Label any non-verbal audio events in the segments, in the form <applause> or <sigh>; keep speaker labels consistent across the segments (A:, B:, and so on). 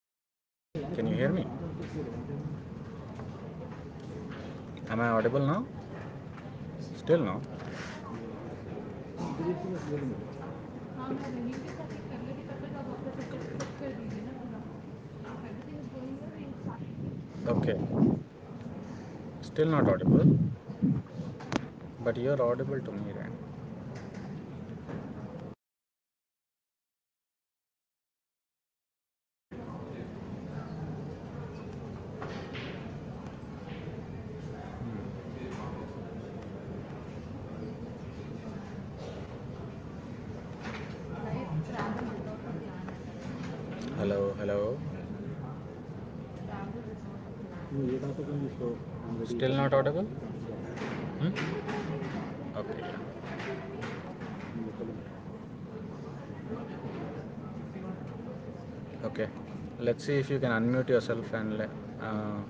A: Hi, Divya. Can you hear me? Am I audible now? Still no. Okay. Still not audible, but you're audible to me, right? Hello, hello. Still not audible? Hmm? Okay, yeah. Okay. Let's see if you can unmute yourself and uh,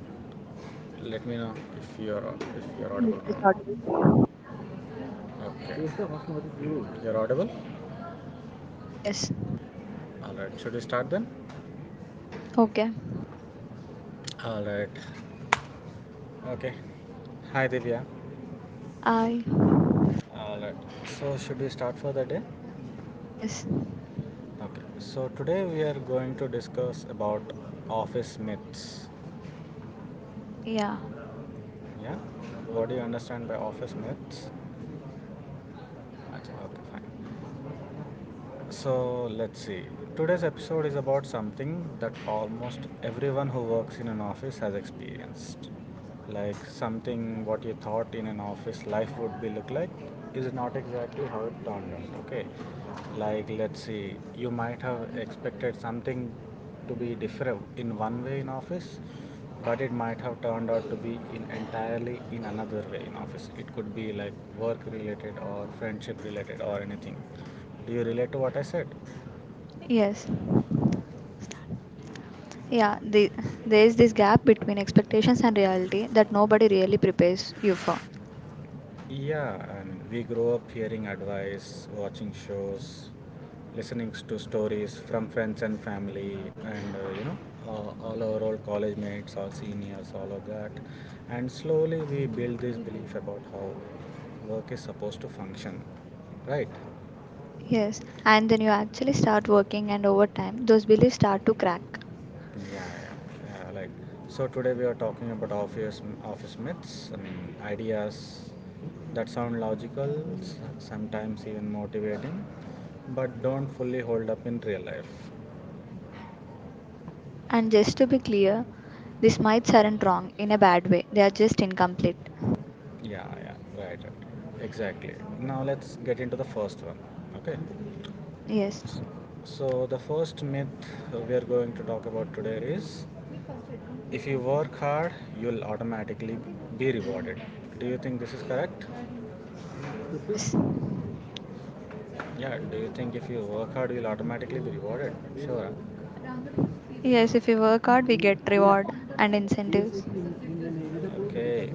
A: let me know if you're if you're
B: Yes,
A: audible
B: yes,
A: or
B: audible.
A: not. Okay. You're audible.
B: Yes.
A: All right. Should we start then?
B: Okay.
A: All right. Okay. Hi, Divya.
B: I
A: All right. So, should we start for the day?
B: yes.
A: Okay. So, today we are going to discuss about office myths.
B: Yeah.
A: Yeah? What do you understand by office myths? Okay, fine. So, let's see. Today's episode is about something that almost everyone who works in an office has experienced. Like something what you thought in an office life would be look like is not exactly how it turned out, okay? Like let's see, you might have expected something to be different in one way in office, but it might have turned out to be in entirely in another way in office. It could be like work related or friendship related or anything. Do you relate to what I said?
B: Yes. Yeah. There is this gap between expectations and reality that nobody really prepares you for.
A: Yeah, I mean, we grow up hearing advice, watching shows, listening to stories from friends and family, and all our old college mates, all seniors, all of that. And slowly we build this belief about how work is supposed to function, right?
B: Yes. And then you actually start working and over time those beliefs start to crack.
A: Yeah, yeah, yeah. Like so, today we are talking about office myths. I mean, ideas that sound logical, sometimes even motivating, but don't fully hold up in real life.
B: And just to be clear, these mites aren't wrong in a bad way. They are just incomplete.
A: Yeah, yeah, right, right, exactly. Now let's get into the first one. Okay.
B: Yes.
A: So the first myth we are going to talk about today is if you work hard, you'll automatically be rewarded. Do you think this is correct?
B: Yes.
A: Yeah, do you think if you work hard, you'll automatically be rewarded? Sure.
B: Yes, if we work hard we get reward and incentives.
A: Okay.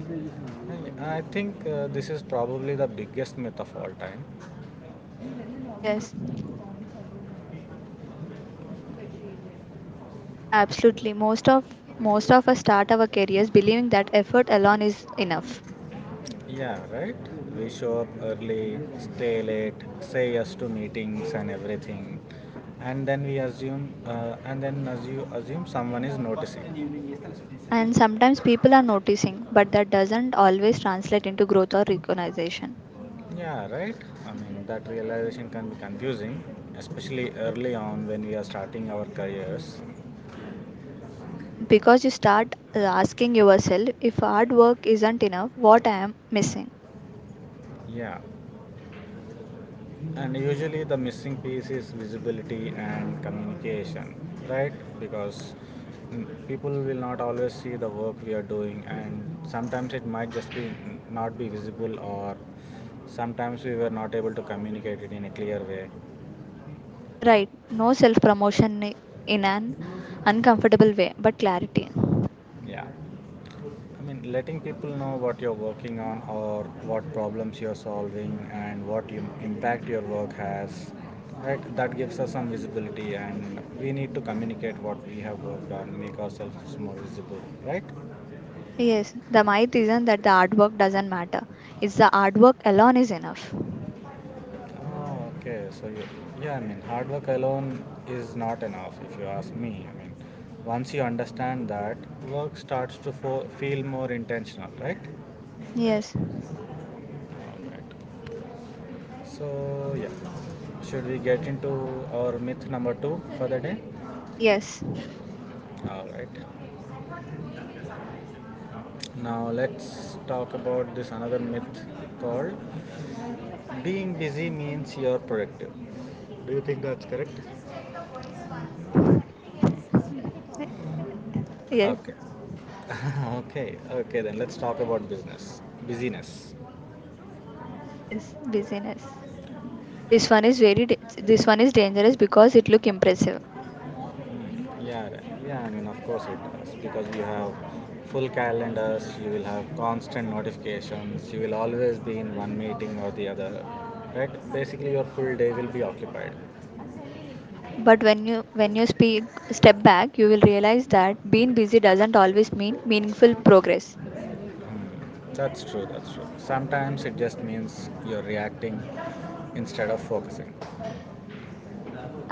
A: I think this is probably the biggest myth of all time.
B: Yes. Absolutely. Most of us start our careers believing that effort alone is enough.
A: Yeah, right? We show up early, stay late, say yes to meetings and everything. And then we assume, and then assume, assume someone is noticing.
B: And sometimes people are noticing, but that doesn't always translate into growth or recognition.
A: Yeah, right? I mean, that realization can be confusing, especially early on when we are starting our careers.
B: Because you start asking yourself, if hard work isn't enough, what I am missing?
A: Yeah. And usually the missing piece is visibility and communication, right? Because people will not always see the work we are doing, and sometimes it might just be not be visible, or sometimes we were not able to communicate it in a clear way.
B: Right. No self promotion in an uncomfortable way, but clarity.
A: Yeah. I mean, letting people know what you're working on or what problems you're solving and what you, impact your work has, right? That gives us some visibility, and we need to communicate what we have worked on, make ourselves more visible, right?
B: Yes, the myth isn't that the hard work doesn't matter. It's the hard work alone is enough.
A: Oh, okay. So, you, yeah, I mean, hard work alone is not enough, if you ask me. I mean, once you understand that, work starts to feel more intentional, right?
B: Yes.
A: So yeah, should we get into our myth number two for the day?
B: Yes.
A: All right. Now let's talk about this another myth called being busy means you're productive. Do you think that's correct?
B: <laughs> Yes.
A: Okay. <laughs> Okay. Okay. Then let's talk about business. Busyness.
B: Yes, busyness. This one is dangerous because it look impressive.
A: Yeah, right, yeah. I mean, of course it does because you have full calendars. You will have constant notifications. You will always be in one meeting or the other, right? Basically, your full day will be occupied.
B: But when you speak step back, you will realize that being busy doesn't always mean meaningful progress.
A: That's true. That's true. Sometimes it just means you're reacting instead of focusing.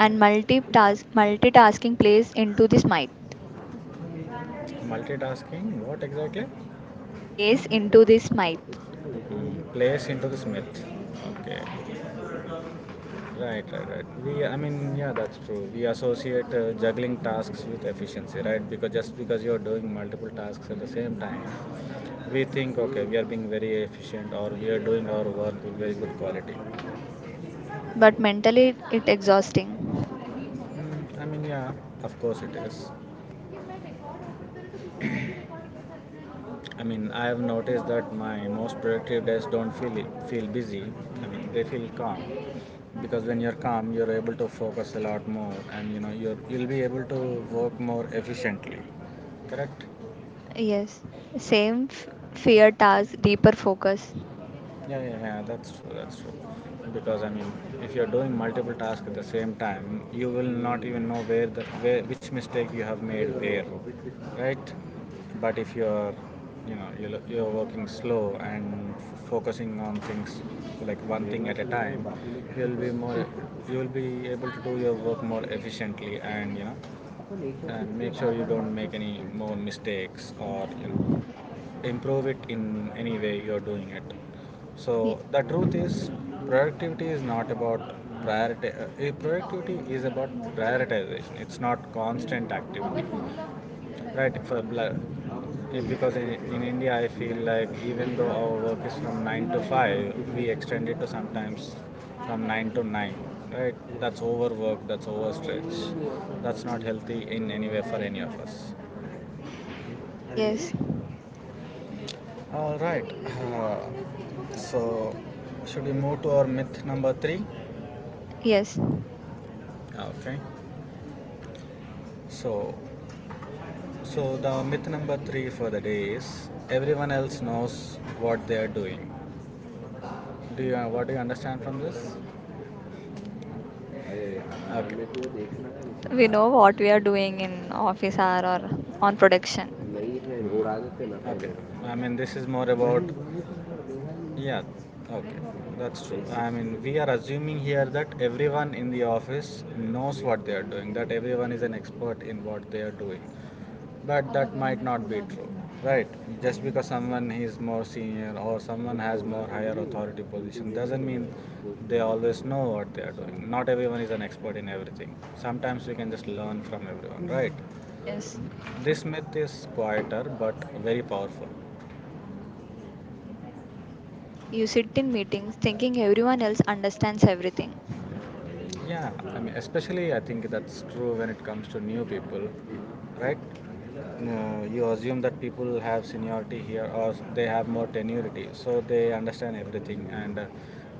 B: And multitasking plays into this might
A: Multitasking. What exactly?
B: plays into this might.
A: Hmm, place into this myth. Okay. Right, right, right. We, I mean, yeah, that's true. We associate juggling tasks with efficiency, right? Because just because you're doing multiple tasks at the same time, we think, okay, we are being very efficient or we are doing our work with very good quality.
B: But mentally it exhausting.
A: Mm, I mean, yeah, of course it is. I mean, I have noticed that my most productive days don't feel busy. I mean, they feel calm because when you're calm, you're able to focus a lot more, and you know, you'll be able to work more efficiently. Correct?
B: Yes. Same f- fear task, deeper focus.
A: Yeah, yeah, yeah, that's true, that's true. Because I mean, if you're doing multiple tasks at the same time, you will not even know where the where which mistake you have made where, right? But if you're, you know, you're working slow and focusing on things like one thing at a time, you'll be more, you'll be able to do your work more efficiently and you know, and make sure you don't make any more mistakes or you know, improve it in any way you're doing it. So the truth is, productivity is not about productivity is about prioritization. It's not constant activity, right? Because in India, I feel like even though our work is from nine to five, we extend it to sometimes from nine to nine. Right, that's overwork, that's overstretch, that's not healthy in any way for any of us.
B: Ye- yes.
A: All right. Uh, so, should we move to our myth number three?
B: Yes.
A: Okay. So, so the myth number three for the day is everyone else knows what they are doing. Do you what do you understand from this? अरे
B: We know what we are doing in office hour or on production.
A: Okay. I mean, this is more about yeah, okay, that's true. I mean, we are assuming here that everyone in the office knows what they are doing, that everyone is an expert in what they are doing. But that might not be true, right? Just because someone is more senior or someone has more higher authority position doesn't mean they always know what they are doing. Not everyone is an expert in everything. Sometimes we can just learn from everyone, right?
B: Yes.
A: This myth is quieter but very powerful.
B: You sit in meetings thinking everyone else understands everything.
A: Yeah, I mean, especially I think that's true when it comes to new people, right? No, you assume that people have seniority here or they have more tenuity, so they understand everything and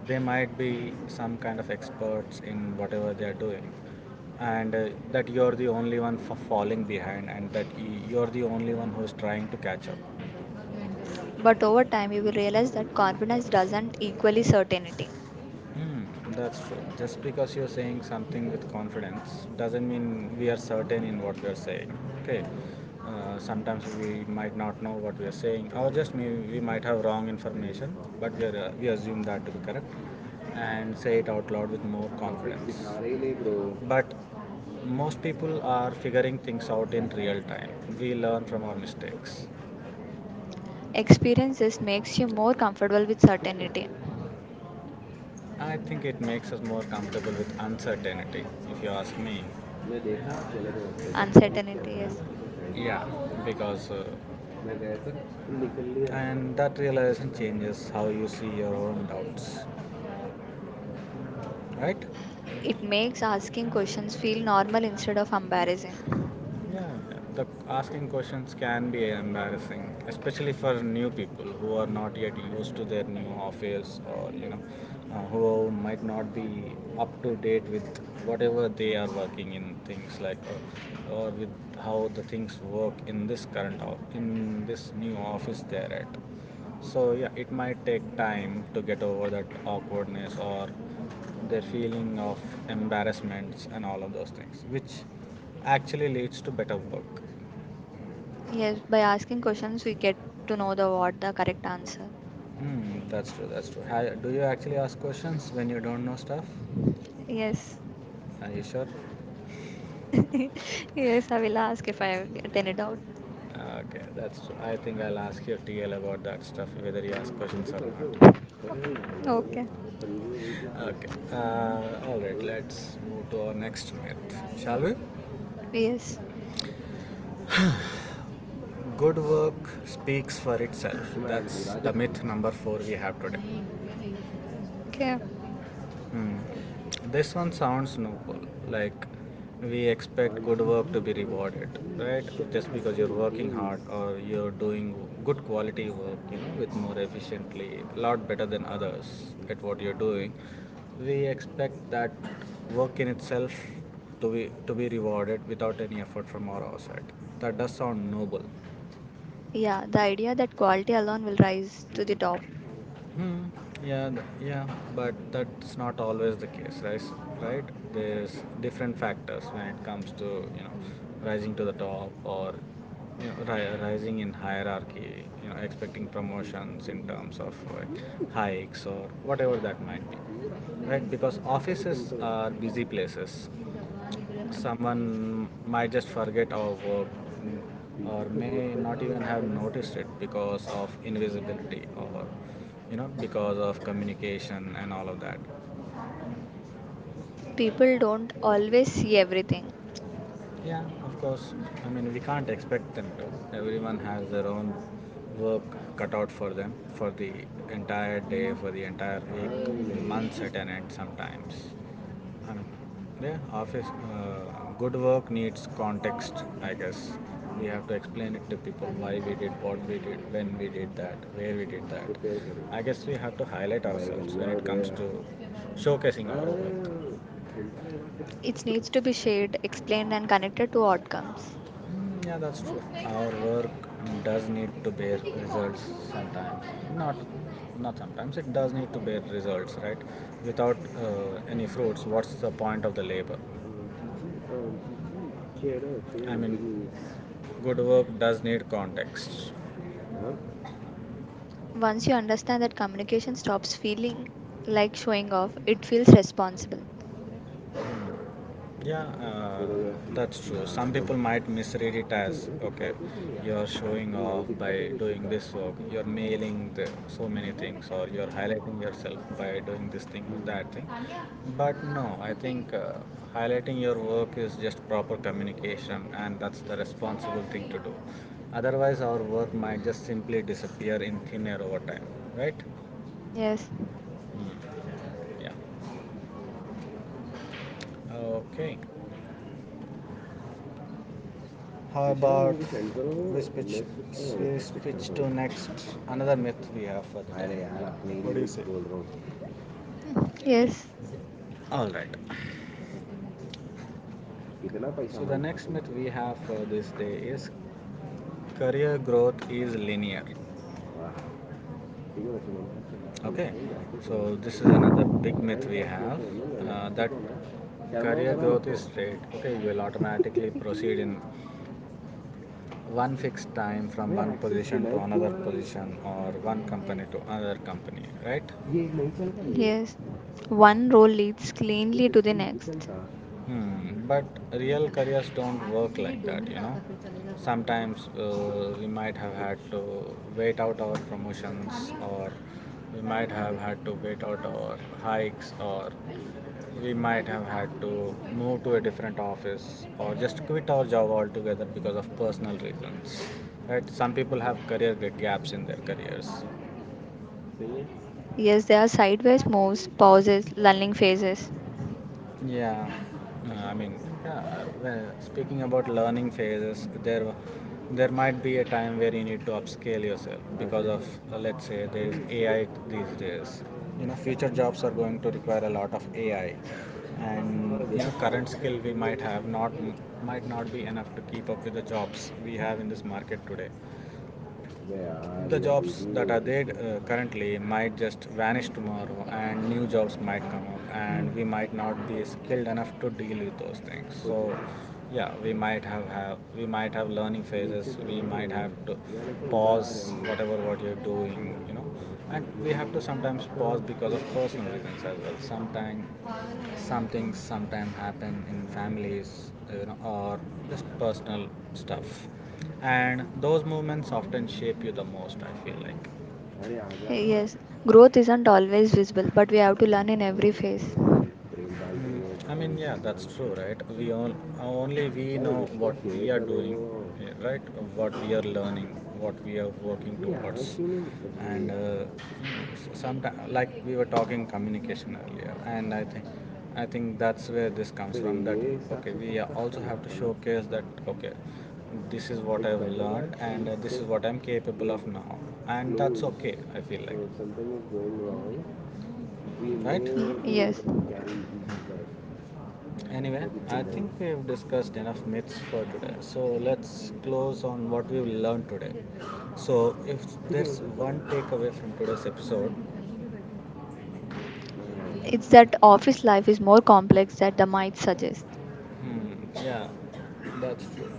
A: they might be some kind of experts in whatever they are doing. And that you're the only one for falling behind and that you're the only one who's trying to catch up.
B: But over time, you will realize that confidence doesn't equally certainty.
A: Hmm, that's true. Just because you're saying something with confidence doesn't mean we are certain in what we are saying. Okay. Sometimes we might not know what we are saying, or just may we might have wrong information, but we assume that to be correct and say it out loud with more confidence. But most people are figuring things out in real time. We learn from our mistakes.
B: Experiences makes you more comfortable with certainty.
A: I think it makes us more comfortable with uncertainty, if you ask me.
B: Uncertainty, yes.
A: Yeah, because and that realization changes how you see your own doubts, right?
B: It makes asking questions feel normal instead of embarrassing.
A: Yeah, yeah, the asking questions can be embarrassing, especially for new people who are not yet used to their new office or you know, who might not be up to date with whatever they are working in things like, or with how the things work in this current or in this new office they're at. So yeah, it might take time to get over that awkwardness or their feeling of embarrassments and all of those things, which actually leads to better work.
B: Yes, by asking questions, we get to know the what the correct answer.
A: Hmm, that's true. That's true. Do you actually ask questions when you don't know stuff?
B: Yes.
A: Are you sure?
B: <laughs> Yes, I will ask if I get any doubt.
A: Okay, that's true. I think I'll ask your TL about that stuff, whether he asks questions or not.
B: Okay.
A: Okay. All right. Let's move to our next myth, shall we?
B: Yes.
A: Good work speaks for itself. That's the myth number four we have today.
B: Okay.
A: Hmm. This one sounds noble. Like we expect good work to be rewarded, right? Just because you're working hard or you're doing good quality work, you know, with more efficiently, a lot better than others at what you're doing, we expect that work in itself to be rewarded without any effort from our side. That does sound noble.
B: Yeah, the idea that quality alone will rise to the top.
A: Hmm. Yeah, yeah, but that's not always the case, right? Right? There's different factors when it comes to you know rising to the top or you know rising in hierarchy. You know, expecting promotions in terms of like, hikes or whatever that might be, right? Because offices are busy places, someone might just forget our or may not even have noticed it because of invisibility or you know because of communication and all of that.
B: People don't always see everything.
A: Yeah, of course. I mean, we can't expect them to. Everyone has their own work cut out for them for the entire day, for the entire week, months at an end sometimes. I mean, yeah, office, good work needs context, I guess. We have to explain it to people why we did what we did, when we did that, where we did that. I guess we have to highlight ourselves when it comes to showcasing our work.
B: It needs to be shared, explained, and connected to outcomes.
A: Mm, yeah, that's true. Our work does need to bear results sometimes. Not, not sometimes. It does need to bear results, right? Without any fruits, what's the point of the labor? I mean, good work does need context. Huh?
B: Once you understand that communication stops feeling like showing off, it feels responsible.
A: Yeah, that's true. Some people might misread it as okay, you're showing off by doing this work, you're mailing the, so many things, or you're highlighting yourself by doing this thing or that thing. But no, I think highlighting your work is just proper communication, and that's the responsible thing to do. Otherwise, our work might just simply disappear in thin air over time, right?
B: Yes,
A: Mm, yeah. Okay. How about we switch to next another myth we have for the day. What do you say?
B: yes,
A: All right. So the next myth we have for this day is career growth is linear. Okay. So this is another big myth we have that career growth is straight. Okay, you will automatically <laughs> proceed in one fixed time from one position to another position or one company to another company, right?
B: yes. One role leads cleanly
A: The
B: to the
A: system result
B: next.
A: are. Hmm, but real careers don't work like that, you know. Sometimes we might have had to wait out our promotions, or we might have had to wait out our hikes, or we might have had to move to a different office, or just quit our job altogether because of personal reasons. Right? Some people have career gaps in their careers.
B: Yes, there are sideways moves, pauses, lulling phases.
A: Yeah, I mean, yeah, well, speaking about learning phases, there might be a time where you need to upscale yourself because of, let's say, there is AI these days. You know, future jobs are going to require a lot of AI, and you know, current skill we might have not might not be enough to keep up with the jobs we have in this market today. The jobs that are there currently might just vanish tomorrow, and new jobs might come up and we might not be skilled enough to deal with those things. So yeah, we might have learning phases. We might have to pause whatever what you're doing, you know, and we have to sometimes pause because of personal reasons as well. Sometimes sometimes happen in families, you know, or just personal stuff. And those movements often shape you the most, I feel like.
B: Yes, growth isn't always visible, but we have to learn in every phase.
A: Hmm. I mean, yeah, that's true, right? Only we know what we are doing, right? What we are learning, what we are working towards, and sometimes, like we were talking communication earlier, and I think that's where this comes from. That okay, we also have to showcase that okay, this is what I've learned, and this is what I'm capable of now, and that's okay. I feel like, right?
B: Ye- yes,
A: Anyway, I think we've discussed enough myths for today. So let's close on what we've learned today. So, if there's one takeaway from today's episode.
B: it's that office life is more complex than the might suggest.
A: Hmm, yeah, that's true.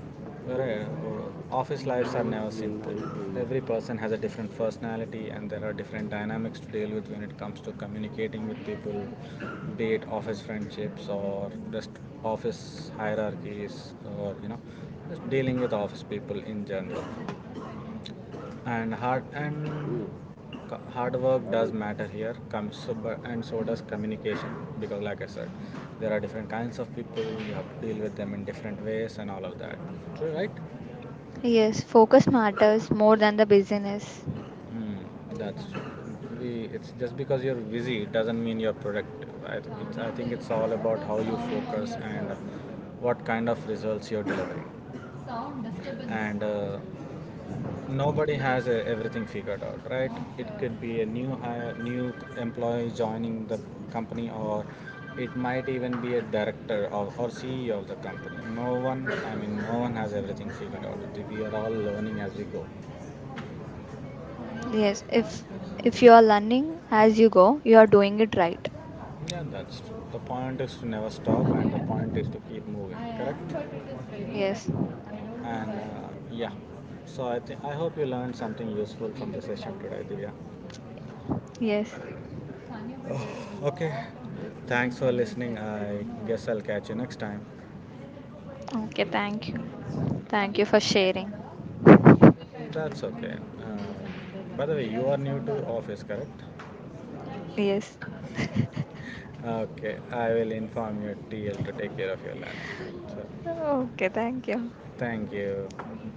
A: Right. Office lives are never simple. Every person has a different personality, and there are different dynamics to deal with when it comes to communicating with people, be it office friendships or just office hierarchies, or you know, just dealing with office people in general. And hard work does matter here, and so does communication, because like I said, there are different kinds of people. You have to deal with them in different ways and all of that. True, right?
B: Yes, focus matters more than the busyness.
A: Mm, that's it's just because you're busy, it doesn't mean you're productive. I think it's all about how you focus and what kind of results you're delivering. And nobody has everything figured out, right? It could be a new hire, new employee joining the company, or it might even be a director, or CEO of the company. No one, I mean, no one has everything figured out. We are all learning as we go.
B: Yes, if you are learning as you go, you are doing it right.
A: Yeah, that's true. The point is to never stop, and the point is to keep moving, correct?
B: Yes.
A: And yeah, so I think I hope you learned something useful from the session today, Divya.
B: Yes.
A: Oh, okay. Thanks for listening. I guess I'll catch you next time.
B: Okay, thank you. Thank you for sharing.
A: That's okay. Uh, by the way, you are new to office, correct?
B: Yes. <laughs>
A: Okay. I will inform your TL to take care of your learning. So,
B: Okay, thank you.
A: thank you.